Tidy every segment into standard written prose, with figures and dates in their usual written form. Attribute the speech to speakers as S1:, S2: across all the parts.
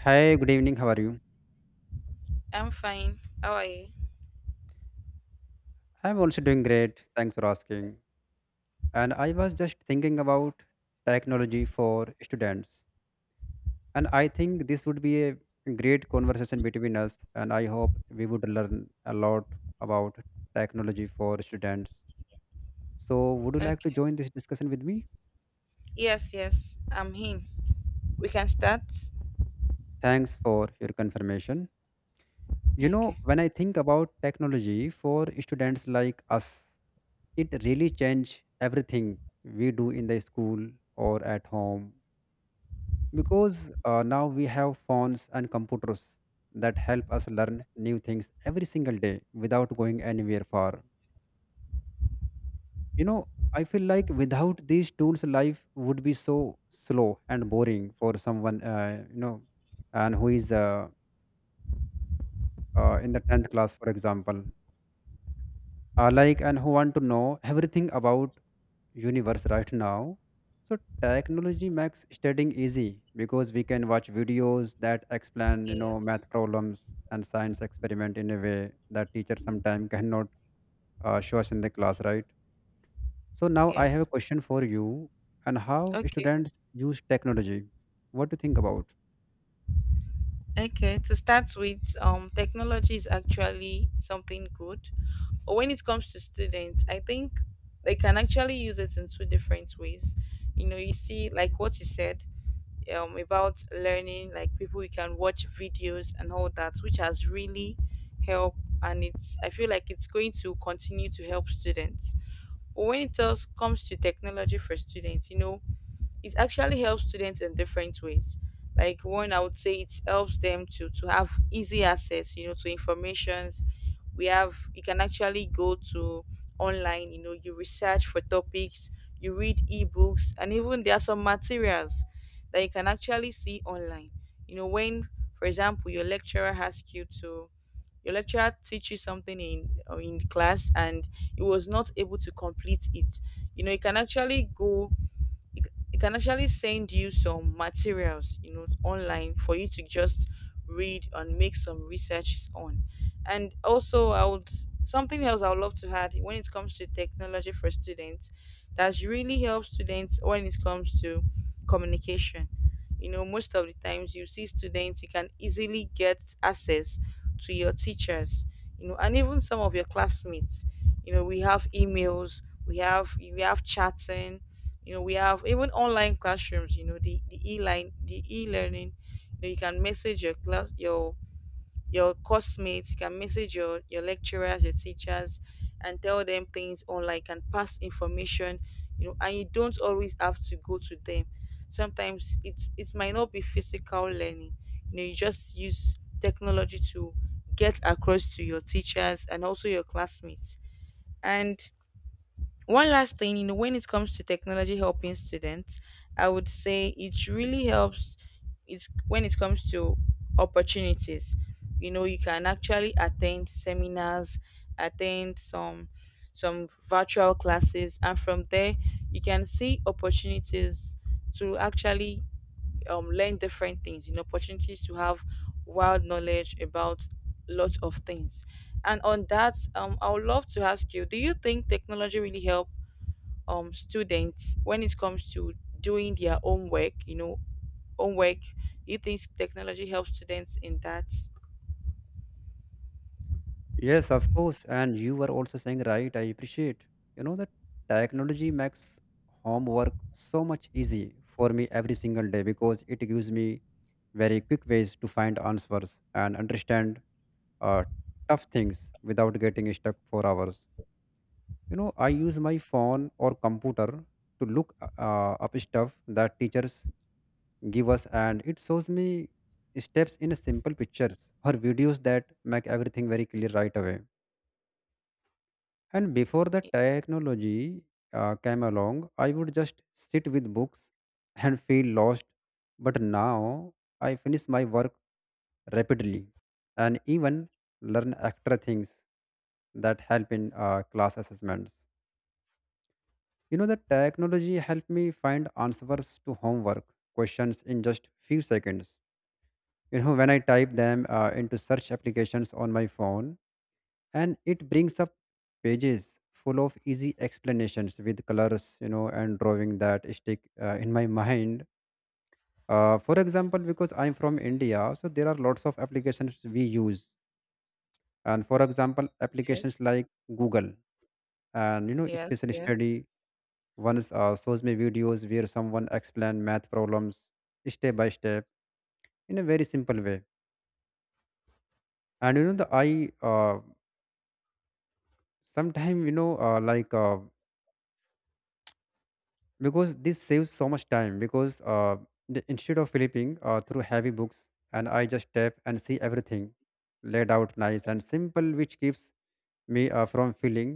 S1: Hi, good evening. How are you?
S2: I'm fine. How are you?
S1: I'm also doing great. Thanks for asking. And I was just thinking about technology for students. And I think this would be a great conversation between us. And I hope we would learn a lot about technology for students. So, would you like to
S2: Okay.
S1: join this discussion with me?
S2: Yes, yes, I'm in. We can start.
S1: Thanks for your confirmation. You know,
S2: Okay.
S1: when I think about technology for students like us, it really changed everything we do in the school or at home because now we have phones and computers that help us learn new things every single day without going anywhere far you know I feel like without these tools life would be so slow and boring for someone, and who is, in the 10th class, for example, like, and who want to know everything about universe right now. So technology makes studying easy because we can watch videos that explain, math
S2: Yes.
S1: problems and science experiment in a way that teacher sometimes cannot show us in the class, right? So now I have a
S2: Yes.
S1: question for you, and how
S2: Okay.
S1: students use technology, what do you think about?
S2: Okay, to start with, technology is actually something good. But when it comes to students, I think they can actually use it in two different ways. You know, you see, like what you said, about learning, like people you can watch videos and all that, which has really helped, and it's. I feel like it's going to continue to help students. But when it else comes to technology for students, you know, it actually helps students in different ways. Like one, I would say it helps them to have easy access, you know, to informations. We have You can actually go to online, you know, you research for topics, you read ebooks, and even there are some materials that you can actually see online. You know, when, for example, your lecturer asks you to your lecturer teaches something in class and he was not able to complete it, you know, you can actually it, it can actually send you some materials, you know, online for you to just read and make some researches on. And also, I would something else I would love to add when it comes to technology for students, that really helps students when it comes to communication. You know, most of the times you see students, you can easily get access to your teachers, you know, and even some of your classmates. You know, we have emails, we have chatting, you know, we have even online classrooms, you know, the e-learning. You know, you can message your your classmates, you can message your lecturers, your teachers, and tell them things online. You can pass information, you know, and you don't always have to go to them. Sometimes it's it might not be physical learning, you know, you just use technology to get across to your teachers and also your classmates. And one last thing, you know, when it comes to technology helping students, I would say it really helps, it's when it comes to opportunities. You know, you can actually attend seminars, attend some virtual classes, and from there you can see opportunities to actually learn different things, you know, opportunities to have wild knowledge about lots of things. And on that, I would love to ask you, do you think technology really help students when it comes to doing their own work, you know, homework? Do you think technology helps students in that?
S1: Yes, of course. And you were also saying, right, I appreciate. You know, that technology makes homework so much easy for me every single day because it gives me very quick ways to find answers and understand uh, tough things without getting stuck for hours. You know, I use my phone or computer to look up stuff that teachers give us, and it shows me steps in simple pictures or videos that make everything very clear right away. And before the technology came along, I would just sit with books and feel lost. But now I finish my work rapidly and even learn extra things that help in class assessments. You know, the technology helped me find answers to homework questions in just few seconds. You know, when I type them into search applications on my phone, and it brings up pages full of easy explanations with colors, and drawing that stick in my mind. Uh, for example, because I'm from India, so there are lots of applications we use. And for example,
S2: Yes,
S1: applications like Google, and you know
S2: yes,
S1: special
S2: yes.
S1: study ones shows me videos where someone explain math problems step by step in a very simple way. And you know the I sometime you know like because this saves so much time because instead of flipping through heavy books, and I just tap and see everything laid out nice and simple, which keeps me from feeling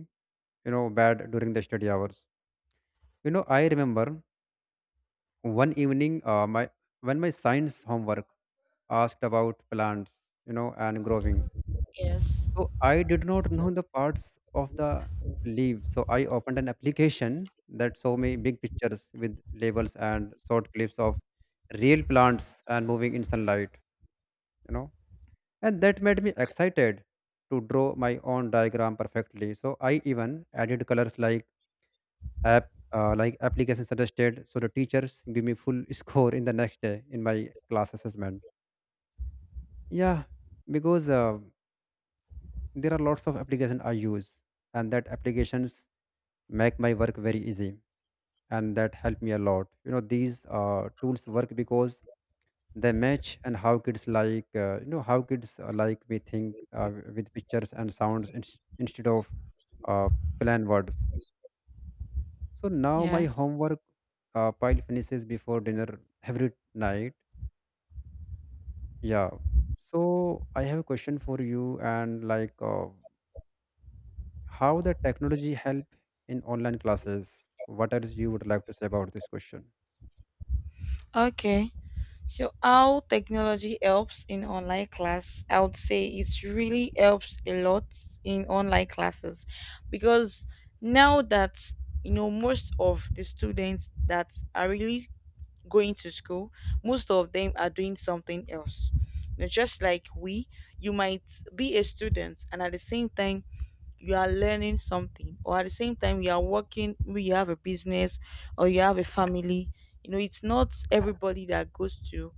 S1: bad during the study hours. You know, I remember one evening, my when my science homework asked about plants, and growing.
S2: Yes.
S1: So I did not know the parts of the leaf. So I opened an application that showed me big pictures with labels and short clips of real plants and moving in sunlight, you know. And that made me excited to draw my own diagram perfectly. So I even added colors app like application suggested. So the teachers give me full score in the next day in my class assessment. Yeah, because there are lots of applications I use, and that applications make my work very easy, and that help me a lot. You know, these tools work because they match and how kids like, how kids, like, we think with pictures and sounds instead of uh, plain words. So now my
S2: Yes.
S1: homework pile finishes before dinner every night. Yeah. So I have a question for you, and, like, how the technology help in online classes? What else you would like to say about this question?
S2: Okay. So how technology helps in online class, I would say it really helps a lot in online classes, because now that, you know, most of the students that are really going to school, most of them are doing something else. You know, just like we, you might be a student and at the same time you are learning something, or at the same time you are working. Maybe you have a business or you have a family. You know, it's not everybody that goes to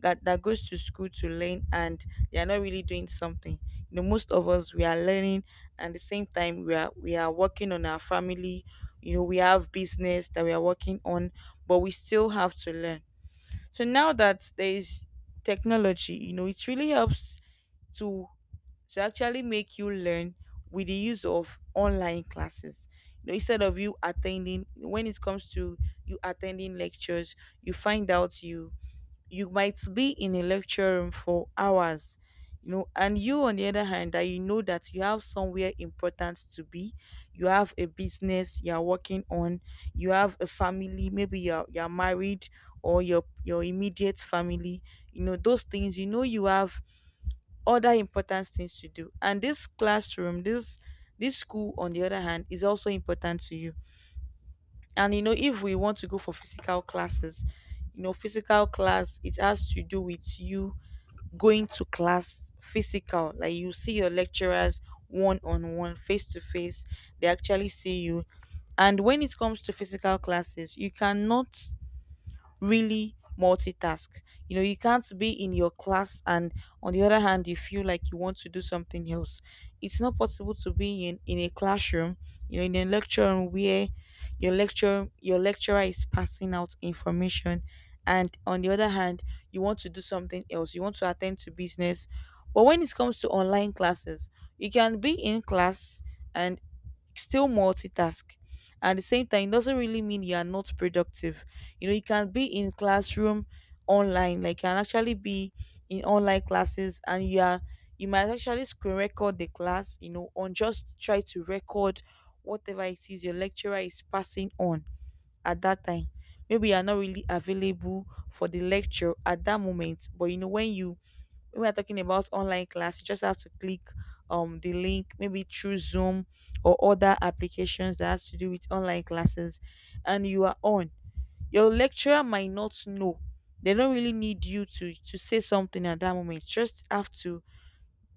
S2: that goes to school to learn and they are not really doing something. You know, most of us we are learning and at the same time we are working on our family, you know, we have business that we are working on, but we still have to learn. So now that there is technology, you know, it really helps to to actually make you learn with the use of online classes. You know, instead of you attending, when it comes to you attending lectures, you find out you you might be in a lecture room for hours, you know, and you on the other hand, that you know that you have somewhere important to be, you have a business you're working on, you have a family, maybe you're married, or your immediate family, you know, those things, you know, you have other important things to do, and this classroom, this school on the other hand is also important to you. And you know, if we want to go for physical classes, you know, physical class, it has to do with you going to class physical, like you see your lecturers one on one, face to face, they actually see you. And when it comes to physical classes, you cannot really multitask. You know, you can't be in your class and on the other hand you feel like you want to do something else. It's not possible to be in a classroom, you know, in a lecture room where your lecturer is passing out information, and on the other hand you want to do something else. You want to attend to business. But when it comes to online classes, you can be in class and still multitask. At the same time, it doesn't really mean you are not productive. You know, you can be in classroom online, like you can actually be in online classes and you are you might actually screen record the class, you know, on just try to record whatever it is your lecturer is passing on at that time. Maybe you are not really available for the lecture at that moment, but you know, when you when we're talking about online class, you just have to click the link, maybe through Zoom or other applications that has to do with online classes, and you are on. Your lecturer might not know. They don't really need you to say something at that moment. Just have to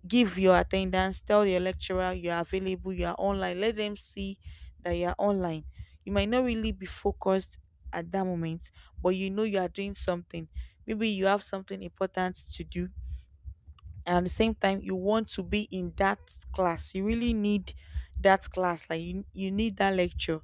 S2: give your attendance, tell your lecturer you are available, you are online. Let them see that you are online. You might not really be focused at that moment, but you know you are doing something. Maybe you have something important to do and at the same time you want to be in that class, you really need that class. Like you need that lecture,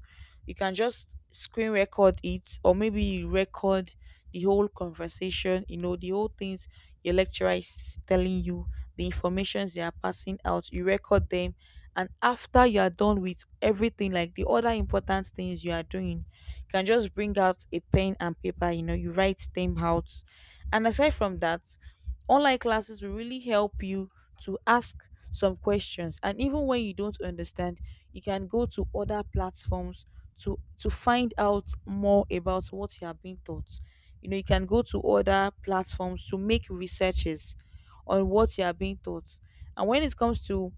S2: you can just screen record it, or maybe you record the whole conversation, you know, the whole things your lecturer is telling you, the informations they are passing out, you record them. And after you are done with everything, like the other important things you are doing, you can just bring out a pen and paper, you know, you write them out. And aside from that, online classes will really help you to ask some questions. And even when you don't understand, you can go to other platforms to find out more about what you are being taught. You know, you can go to other platforms to make researches on what you are being taught. And when it comes to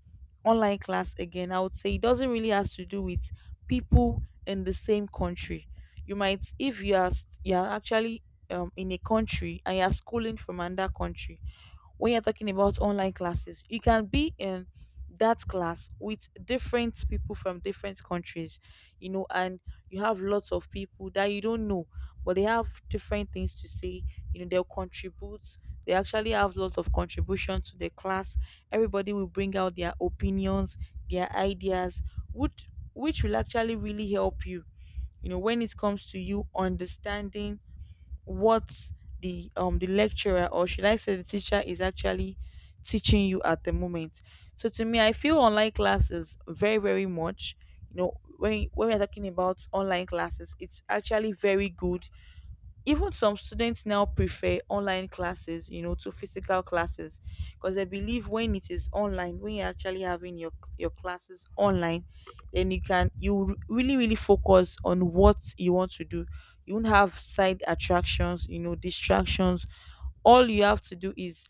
S2: online class again, I would say it doesn't really has to do with people in the same country. You might, if you are, you are actually in a country and you're schooling from another country, when you're talking about online classes, you can be in that class with different people from different countries, you know. And you have lots of people that you don't know, but they have different things to say. You know, they'll contribute. They actually have lots of contribution to the class. Everybody will bring out their opinions, their ideas, which which will actually really help you. You know, when it comes to you understanding what the lecturer, or should I say the teacher, is actually teaching you at the moment. So to me, I feel online classes very very much. You know, when we're talking about online classes, it's actually very good. Even some students now prefer online classes, you know, to physical classes, because they believe when it is online, when you're actually having your classes online, then you can you really really focus on what you want to do. You won't have side attractions, you know, distractions. All you have to do is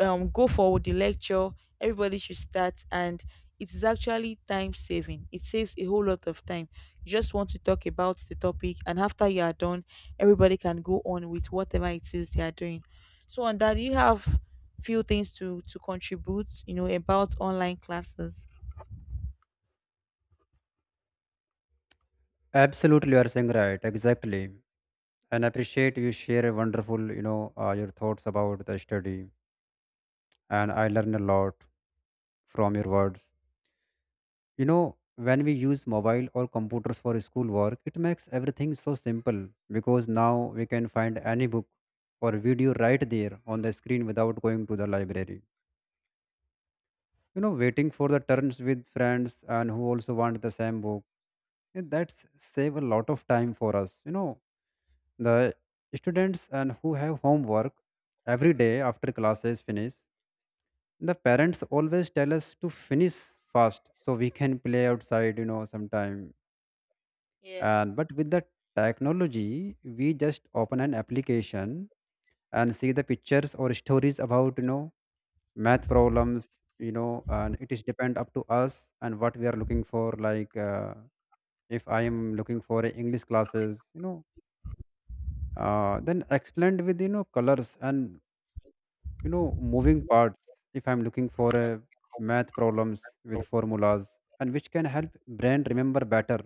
S2: go for the lecture, everybody should start, and it is actually time saving, it saves a whole lot of time. You just want to talk about the topic, and after you are done, everybody can go on with whatever it is they are doing. So on that you have few things to contribute, you know, about online classes.
S1: Absolutely, you are saying right, exactly. And I appreciate you share a wonderful, your thoughts about the study, and I learn a lot from your words. You know, when we use mobile or computers for school work, it makes everything so simple because now we can find any book or video right there on the screen without going to the library, waiting for the turns with friends and who also want the same book. Yeah, that's save a lot of time for us, the students and who have homework every day after classes finish. The parents always tell us to finish fast so we can play outside, sometime.
S2: Yes.
S1: And but with the technology we just open an application and see the pictures or stories about, math problems. You know, and it is depend up to us and what we are looking for, like, if I am looking for a english classes, then explained with, colors and, moving parts. If I'm looking for a math problems with formulas and which can help brain remember better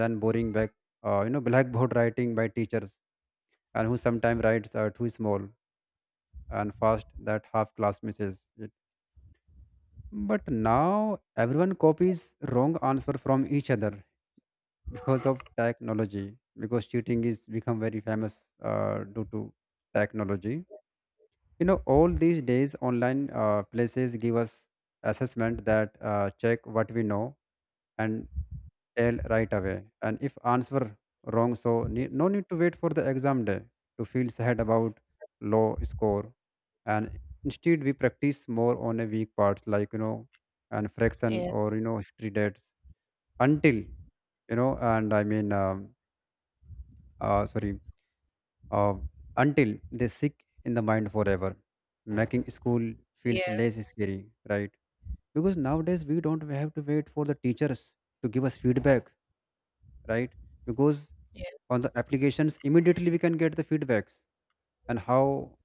S1: than boring back, blackboard writing by teachers, and who sometimes writes are too small and fast that half class misses it. But now everyone copies wrong answer from each other because of technology, because cheating is become very famous due to technology. You know, all these days online places give us assessment that check what we know and tell right away, and if answer wrong, so no need to wait for the exam day to feel sad about low score. And instead we practice more on a weak parts, like, and fraction,
S2: Yes,
S1: or, you know, history dates until you know and I mean sorry, uh, until they stick in the mind forever, making school feels less
S2: yes,
S1: scary, right? Because nowadays we don't have to wait for the teachers to give us feedback, right? Because on
S2: yes,
S1: the applications immediately we can get the feedbacks and how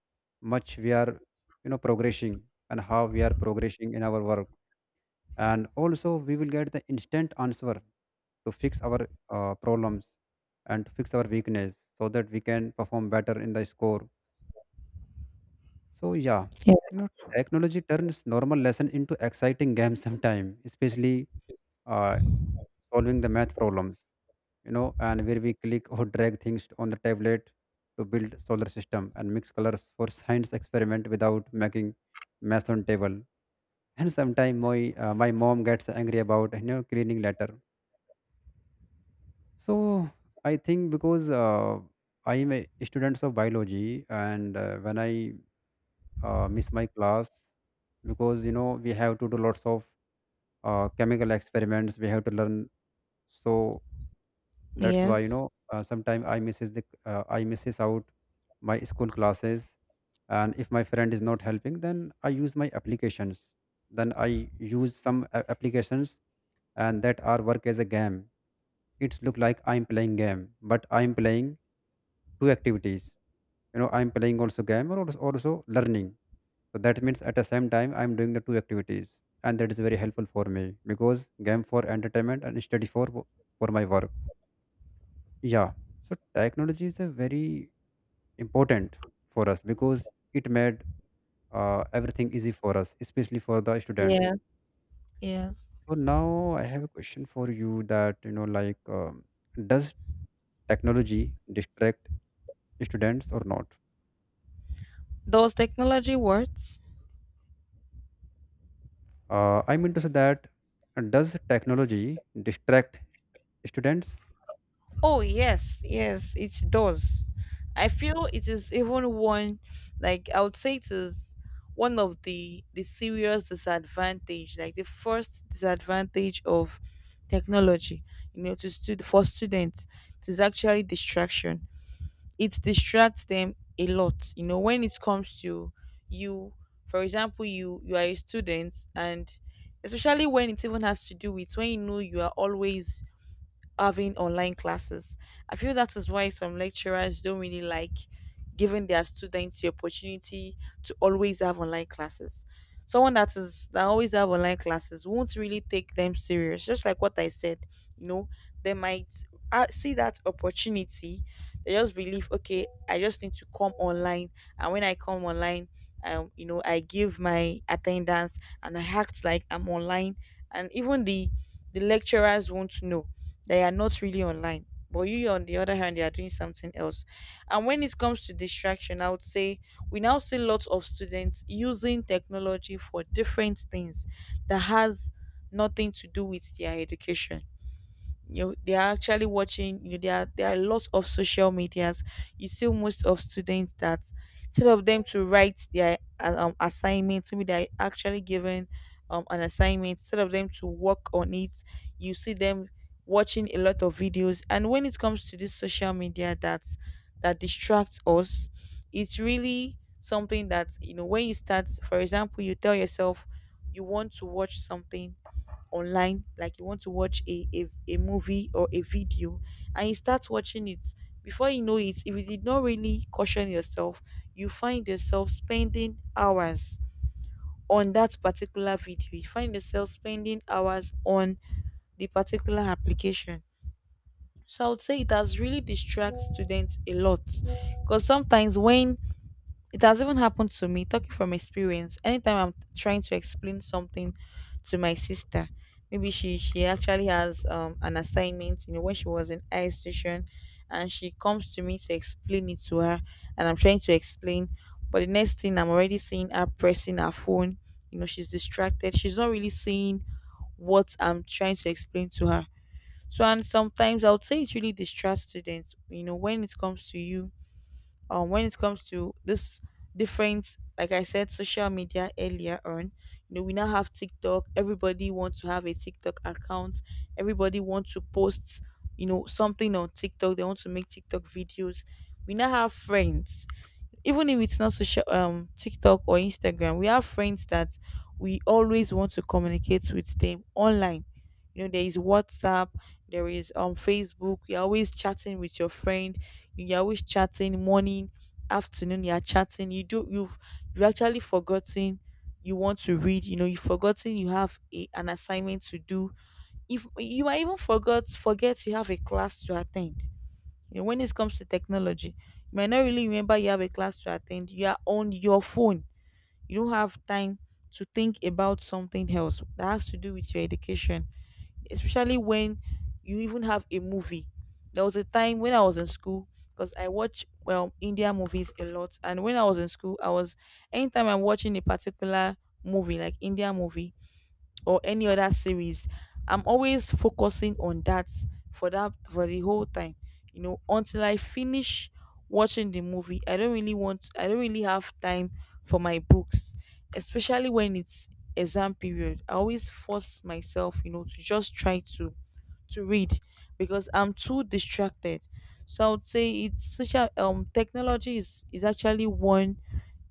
S1: much we are, you know, progressing, and how we are progressing in our work. And also we will get the instant answer to fix our problems and to fix our weakness so that we can perform better in the score. So yeah, you know, technology turns normal lesson into exciting game sometime, especially uh, solving the math problems, you know, and where we click or drag things on the tablet to build solar system and mix colors for science experiment without making mess on table. And sometime my mom gets angry about, you know, cleaning later. So I think because I am a student of biology, and when I miss my class, because you know we have to do lots of chemical experiments, we have to learn. So that's why, you
S2: yes,
S1: know, sometimes I misses out my school classes, and if my friend is not helping, then I use my applications. Then I use some applications, and that are work as a game. It's look like I'm playing game, but I'm playing two activities. You know, I'm playing also game, or also learning. So that means at the same time I'm doing the two activities, and that is very helpful for me because game for entertainment and study for for my work. Yeah. So technology is a very important for us because it made everything easy for us, especially for the students.
S2: yes, yes.
S1: So now I have a question for you that, you know, like, does technology distract students or not?
S2: Does technology work?
S1: I mean to say that, does technology distract students?
S2: Oh, yes, yes, it does. I feel it is even one, like I would say it is one of the serious disadvantage, like the first disadvantage of technology, you know, to students. It is actually distraction. It distracts them a lot. You know, when it comes to you, for example, you are a student, and especially when it even has to do with when you know you are always having online classes. I feel that is why some lecturers don't really like giving their students the opportunity to always have online classes. Someone that is that always have online classes won't really take them serious. Just like what I said, you know, they might see that opportunity. They just believe, okay, I just need to come online, and when I come online, I give my attendance and I act like I'm online, and even the lecturers won't know they are not really online. But you, on the other hand, they are doing something else. And when it comes to distraction, I would say we now see lots of students using technology for different things that has nothing to do with their education. They are actually watching, there are lots of social medias. You see most of students that instead of them to write their assignments, maybe they're actually given an assignment. Instead of them to work on it, you see them watching a lot of videos. And when it comes to this social media, that distracts us, it's really something that, when you start, for example, you tell yourself you want to watch something online, like you want to watch a movie or a video, and you start watching it, before you know it, if you did not really caution yourself, you find yourself spending hours on that particular video. You find yourself spending hours on the particular application. So I would say it has really distract students a lot, because sometimes when it has even happened to me, talking from experience. Anytime I'm trying to explain something to my sister, maybe she actually has an assignment, when she was in high station, and she comes to me to explain it to her, and I'm trying to explain, but the next thing I'm already seeing her pressing her phone. You know, she's distracted. She's not really seeing what I'm trying to explain to her. So, and sometimes I would say it really distracts students. When it comes to you, when it comes to this different, like I said, social media earlier on, you know we now have TikTok. Everybody wants to have a TikTok account. Everybody wants to post, something on TikTok. They want to make TikTok videos. We now have friends, even if it's not social TikTok or Instagram, we have friends that we always want to communicate with them online. You know, there is WhatsApp, there is Facebook. You're always chatting with your friend. You're always chatting morning, afternoon, you're chatting, you've you actually forgotten you want to read. You've forgotten you have an assignment to do. If you might even forgot forget you have a class to attend. When it comes to technology, you might not really remember you have a class to attend. You are on your phone. You don't have time to think about something else that has to do with your education, especially when you even have a movie. There was a time when I was in school, because I watch well India movies a lot, and when I was in school, I was anytime I'm watching a particular movie, like India movie, or any other series, I'm always focusing on that, for the whole time, until I finish watching the movie. I don't really have time for my books, especially when it's exam period. I always force myself, to just try to read, because I'm too distracted. So I would say it's social technology is actually one.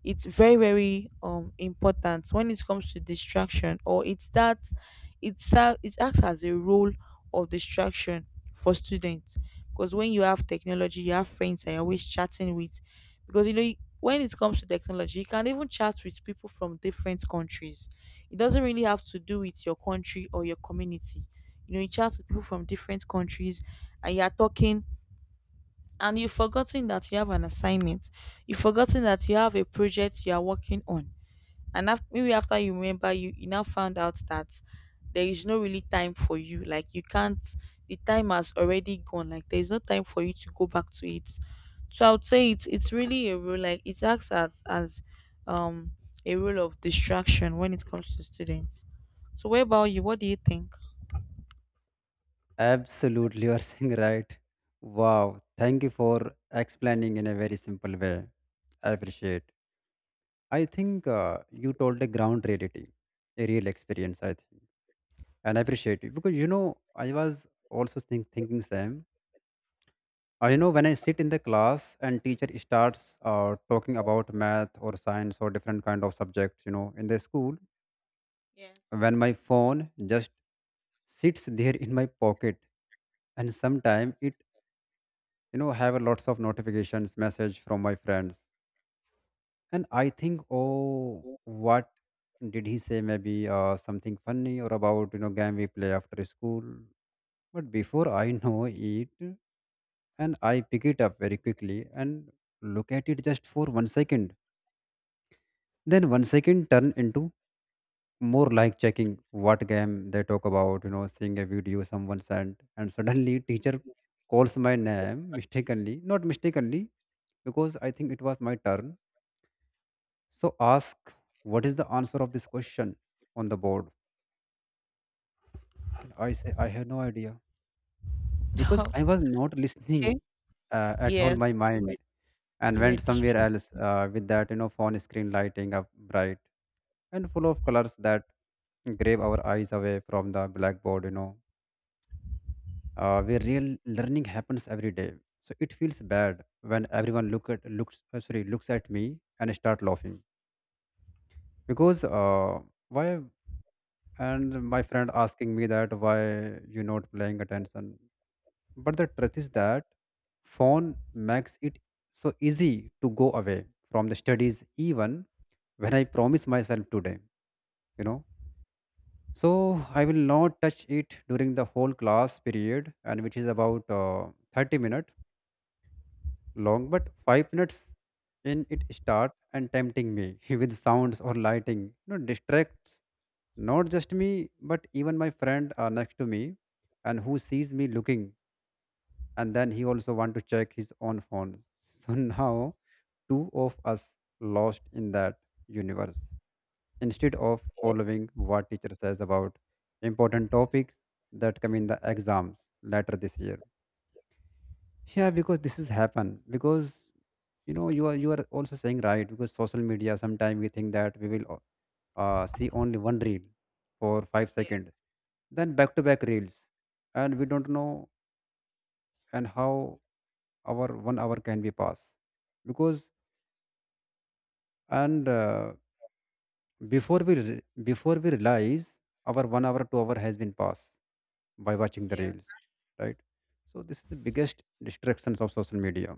S2: It's very very important when it comes to distraction. Or it's that It's it acts as a role of distraction for students, because when you have technology you have friends that you're always chatting with, because you know when it comes to technology you can even chat with people from different countries. It doesn't really have to do with your country or your community. You know, you chat with people from different countries, and you're talking, and you've forgotten that you have an assignment. You've forgotten that you have a project you are working on. And after, maybe after you remember, you now found out that there is no really time for you, like you can't, the time has already gone, like there's no time for you to go back to it. So I would say it's really a role, like it acts as um a role of distraction when it comes to students. So what about you, what do you think?
S1: Absolutely, you are saying right. Wow, thank you for explaining in a very simple way. I appreciate. I think you told a ground reality, a real experience. I think, and I appreciate it because you know I was also thinking same. You know when I sit in the class and teacher starts talking about math or science or different kind of subjects, you know, in the school,
S2: Yes.
S1: when my phone just sits there in my pocket, and sometimes it, you know, have a lots of notifications message from my friends, and I think, oh, what did he say? Maybe something funny or, about you know, game we play after school. But before I know it, and I pick it up very quickly and look at it just for one second. Then one second turn into more like checking what game they talk about, you know, seeing a video someone sent. And suddenly teacher calls my name mistakenly, not mistakenly, because I think it was my turn, so ask what is the answer of this question on the board, and I say I have no idea, because I was not listening
S2: Okay,
S1: at all.
S2: yes,
S1: My
S2: you were,
S1: mind and
S2: you were
S1: went somewhere
S2: distracted,
S1: else with that, you know, phone screen lighting up bright and full of colors that grab our eyes away from the blackboard, you know, where real learning happens every day. So it feels bad when everyone looks, sorry, looks at me and start laughing because, why? And my friend asking me that why you not paying attention. But the truth is that phone makes it so easy to go away from the studies, even when I promise myself today. You know. So I will not touch it during the whole class period, and which is about 30 minutes long, but five minutes in it start and tempting me with sounds or lighting. You know, distracts not just me, but even my friend next to me, and who sees me looking, and then he also want to check his own phone. So now two of us lost in that universe, instead of
S2: yeah,
S1: following what teacher says about important topics that come in the exams later this year. Yeah, because this has happened. Because, you know, you are also saying right, because social media, sometimes we think that we will, see only one reel for five
S2: yeah,
S1: seconds, then back to back reels, and we don't know and how our one hour can be passed, because and before before we realize, our one hour, two-hour has been passed by watching the
S2: yeah.
S1: reels, right? So this is the biggest distractions of social media,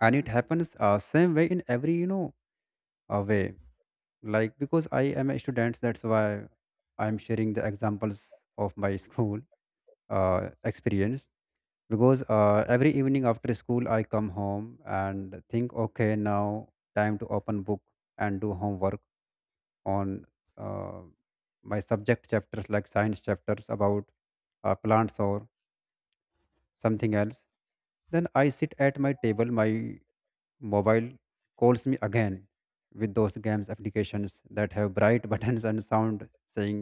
S1: and it happens same way in every, you know, away. Like, because I am a student, that's why I'm sharing the examples of my school experience. Because every evening after school I come home and think, okay, now time to open book and do homework on uh, my subject chapters, like science chapters about plants or something else. Then I sit at my table, my mobile calls me again with those games applications that have bright buttons and sound saying,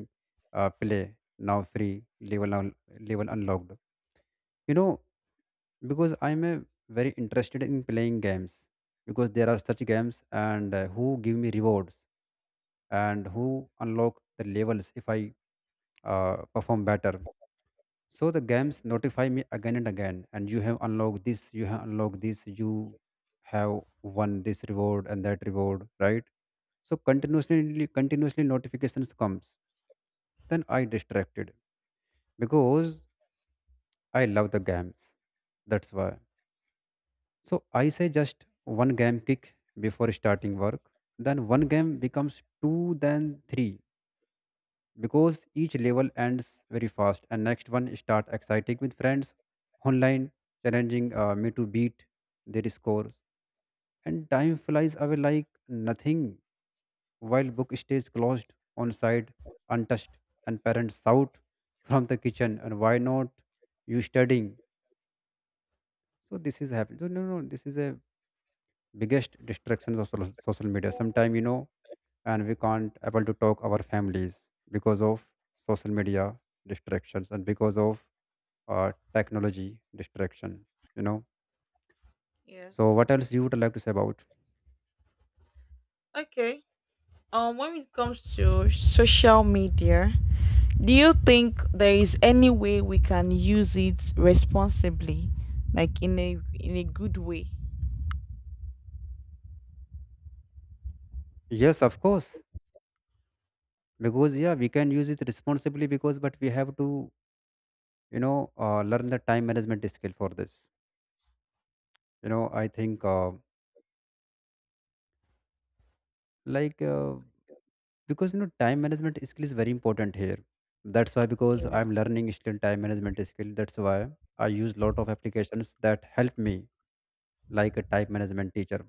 S1: play now, free level level unlocked. You know, because I'm a very interested in playing games, because there are such games and, who give me rewards and who unlock the levels if I perform better. So the games
S2: Yes,
S1: notify me again and again, and you have unlocked this, you have unlocked this, you have won this reward and that reward, right? So
S2: yes,
S1: continuously, continuously notifications comes. Then I distracted because I love the games. That's why. So I say just one game kick before starting work. Then one game becomes two, then three, because each level ends very fast and next one start exciting with friends online challenging me to beat their scores, and time flies away like nothing while book stays closed on side, untouched, and parents shout from the kitchen, and why not you studying. So this is happening. So no, no, this is the biggest distractions of social media sometime, you know. And we can't able to talk our families because of social media distractions and because of technology distraction, you know.
S2: yes.
S1: So what else you would like to say about?
S2: Okay. When it comes to social media, do you think there is any way we can use it responsibly, like in a good way?
S1: Yes, of course, because, yeah, we can use it responsibly, because, but we have to, you know, learn the time management skill for this. You know, I think, like uh, because, you know, time management skill is very important here. That's why. Because
S2: Yes.
S1: I'm learning still time management skill, that's why I use lot of applications that help me like a time management teacher.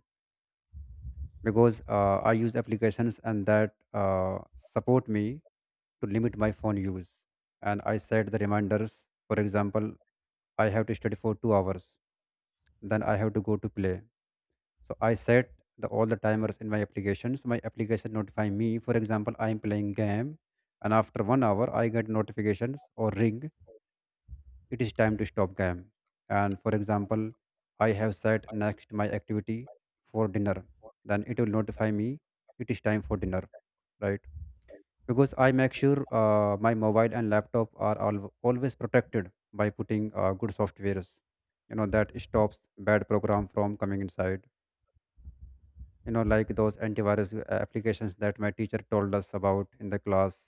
S1: Because I use applications and that support me to limit my phone use. And I set the reminders. For example, I have to study for 2 hours, then I have to go to play. So I set the all the timers in my applications. My application notify me. For example, I am playing game, and after 1 hour, I get notifications or ring, it is time to stop game. And for example, I have sat next my activity for dinner, then it will notify me, it is time for dinner, right? Because I make sure my mobile and laptop are always protected by putting good softwares, you know, that stops bad program from coming inside, you know, like those antivirus applications that my teacher told us about in the class.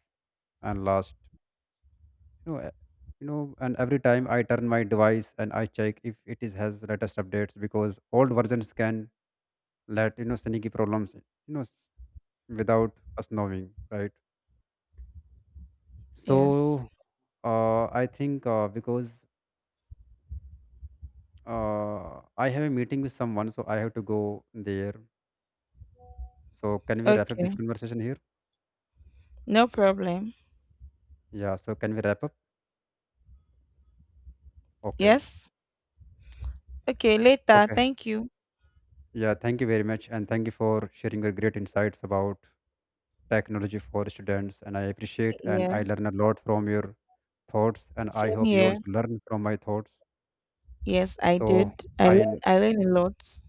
S1: And last, you know, and every time I turn my device, and I check if it is has latest updates, because old versions can let, you know, sneaky problems, know s- without us knowing, right?
S2: Yes.
S1: So, I think, because I have a meeting with someone, so I have to go there. So can we wrap up this
S2: Okay,
S1: conversation here?
S2: no problem.
S1: Yeah, so can we wrap up? Okay.
S2: Yes. Okay. Later.
S1: Okay,
S2: Thank you.
S1: yeah, thank you very much, and thank you for sharing your great insights about technology for students. And I appreciate, and I
S2: Yeah.
S1: learn a lot from your thoughts, and I
S2: Same
S1: hope you
S2: here.
S1: also learn from my thoughts.
S2: Yes, I
S1: So
S2: did. I learned.
S1: i
S2: I learned a lot.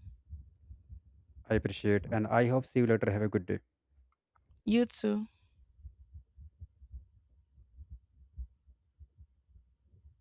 S1: I appreciate, and I hope see you later, have a good day.
S2: You too.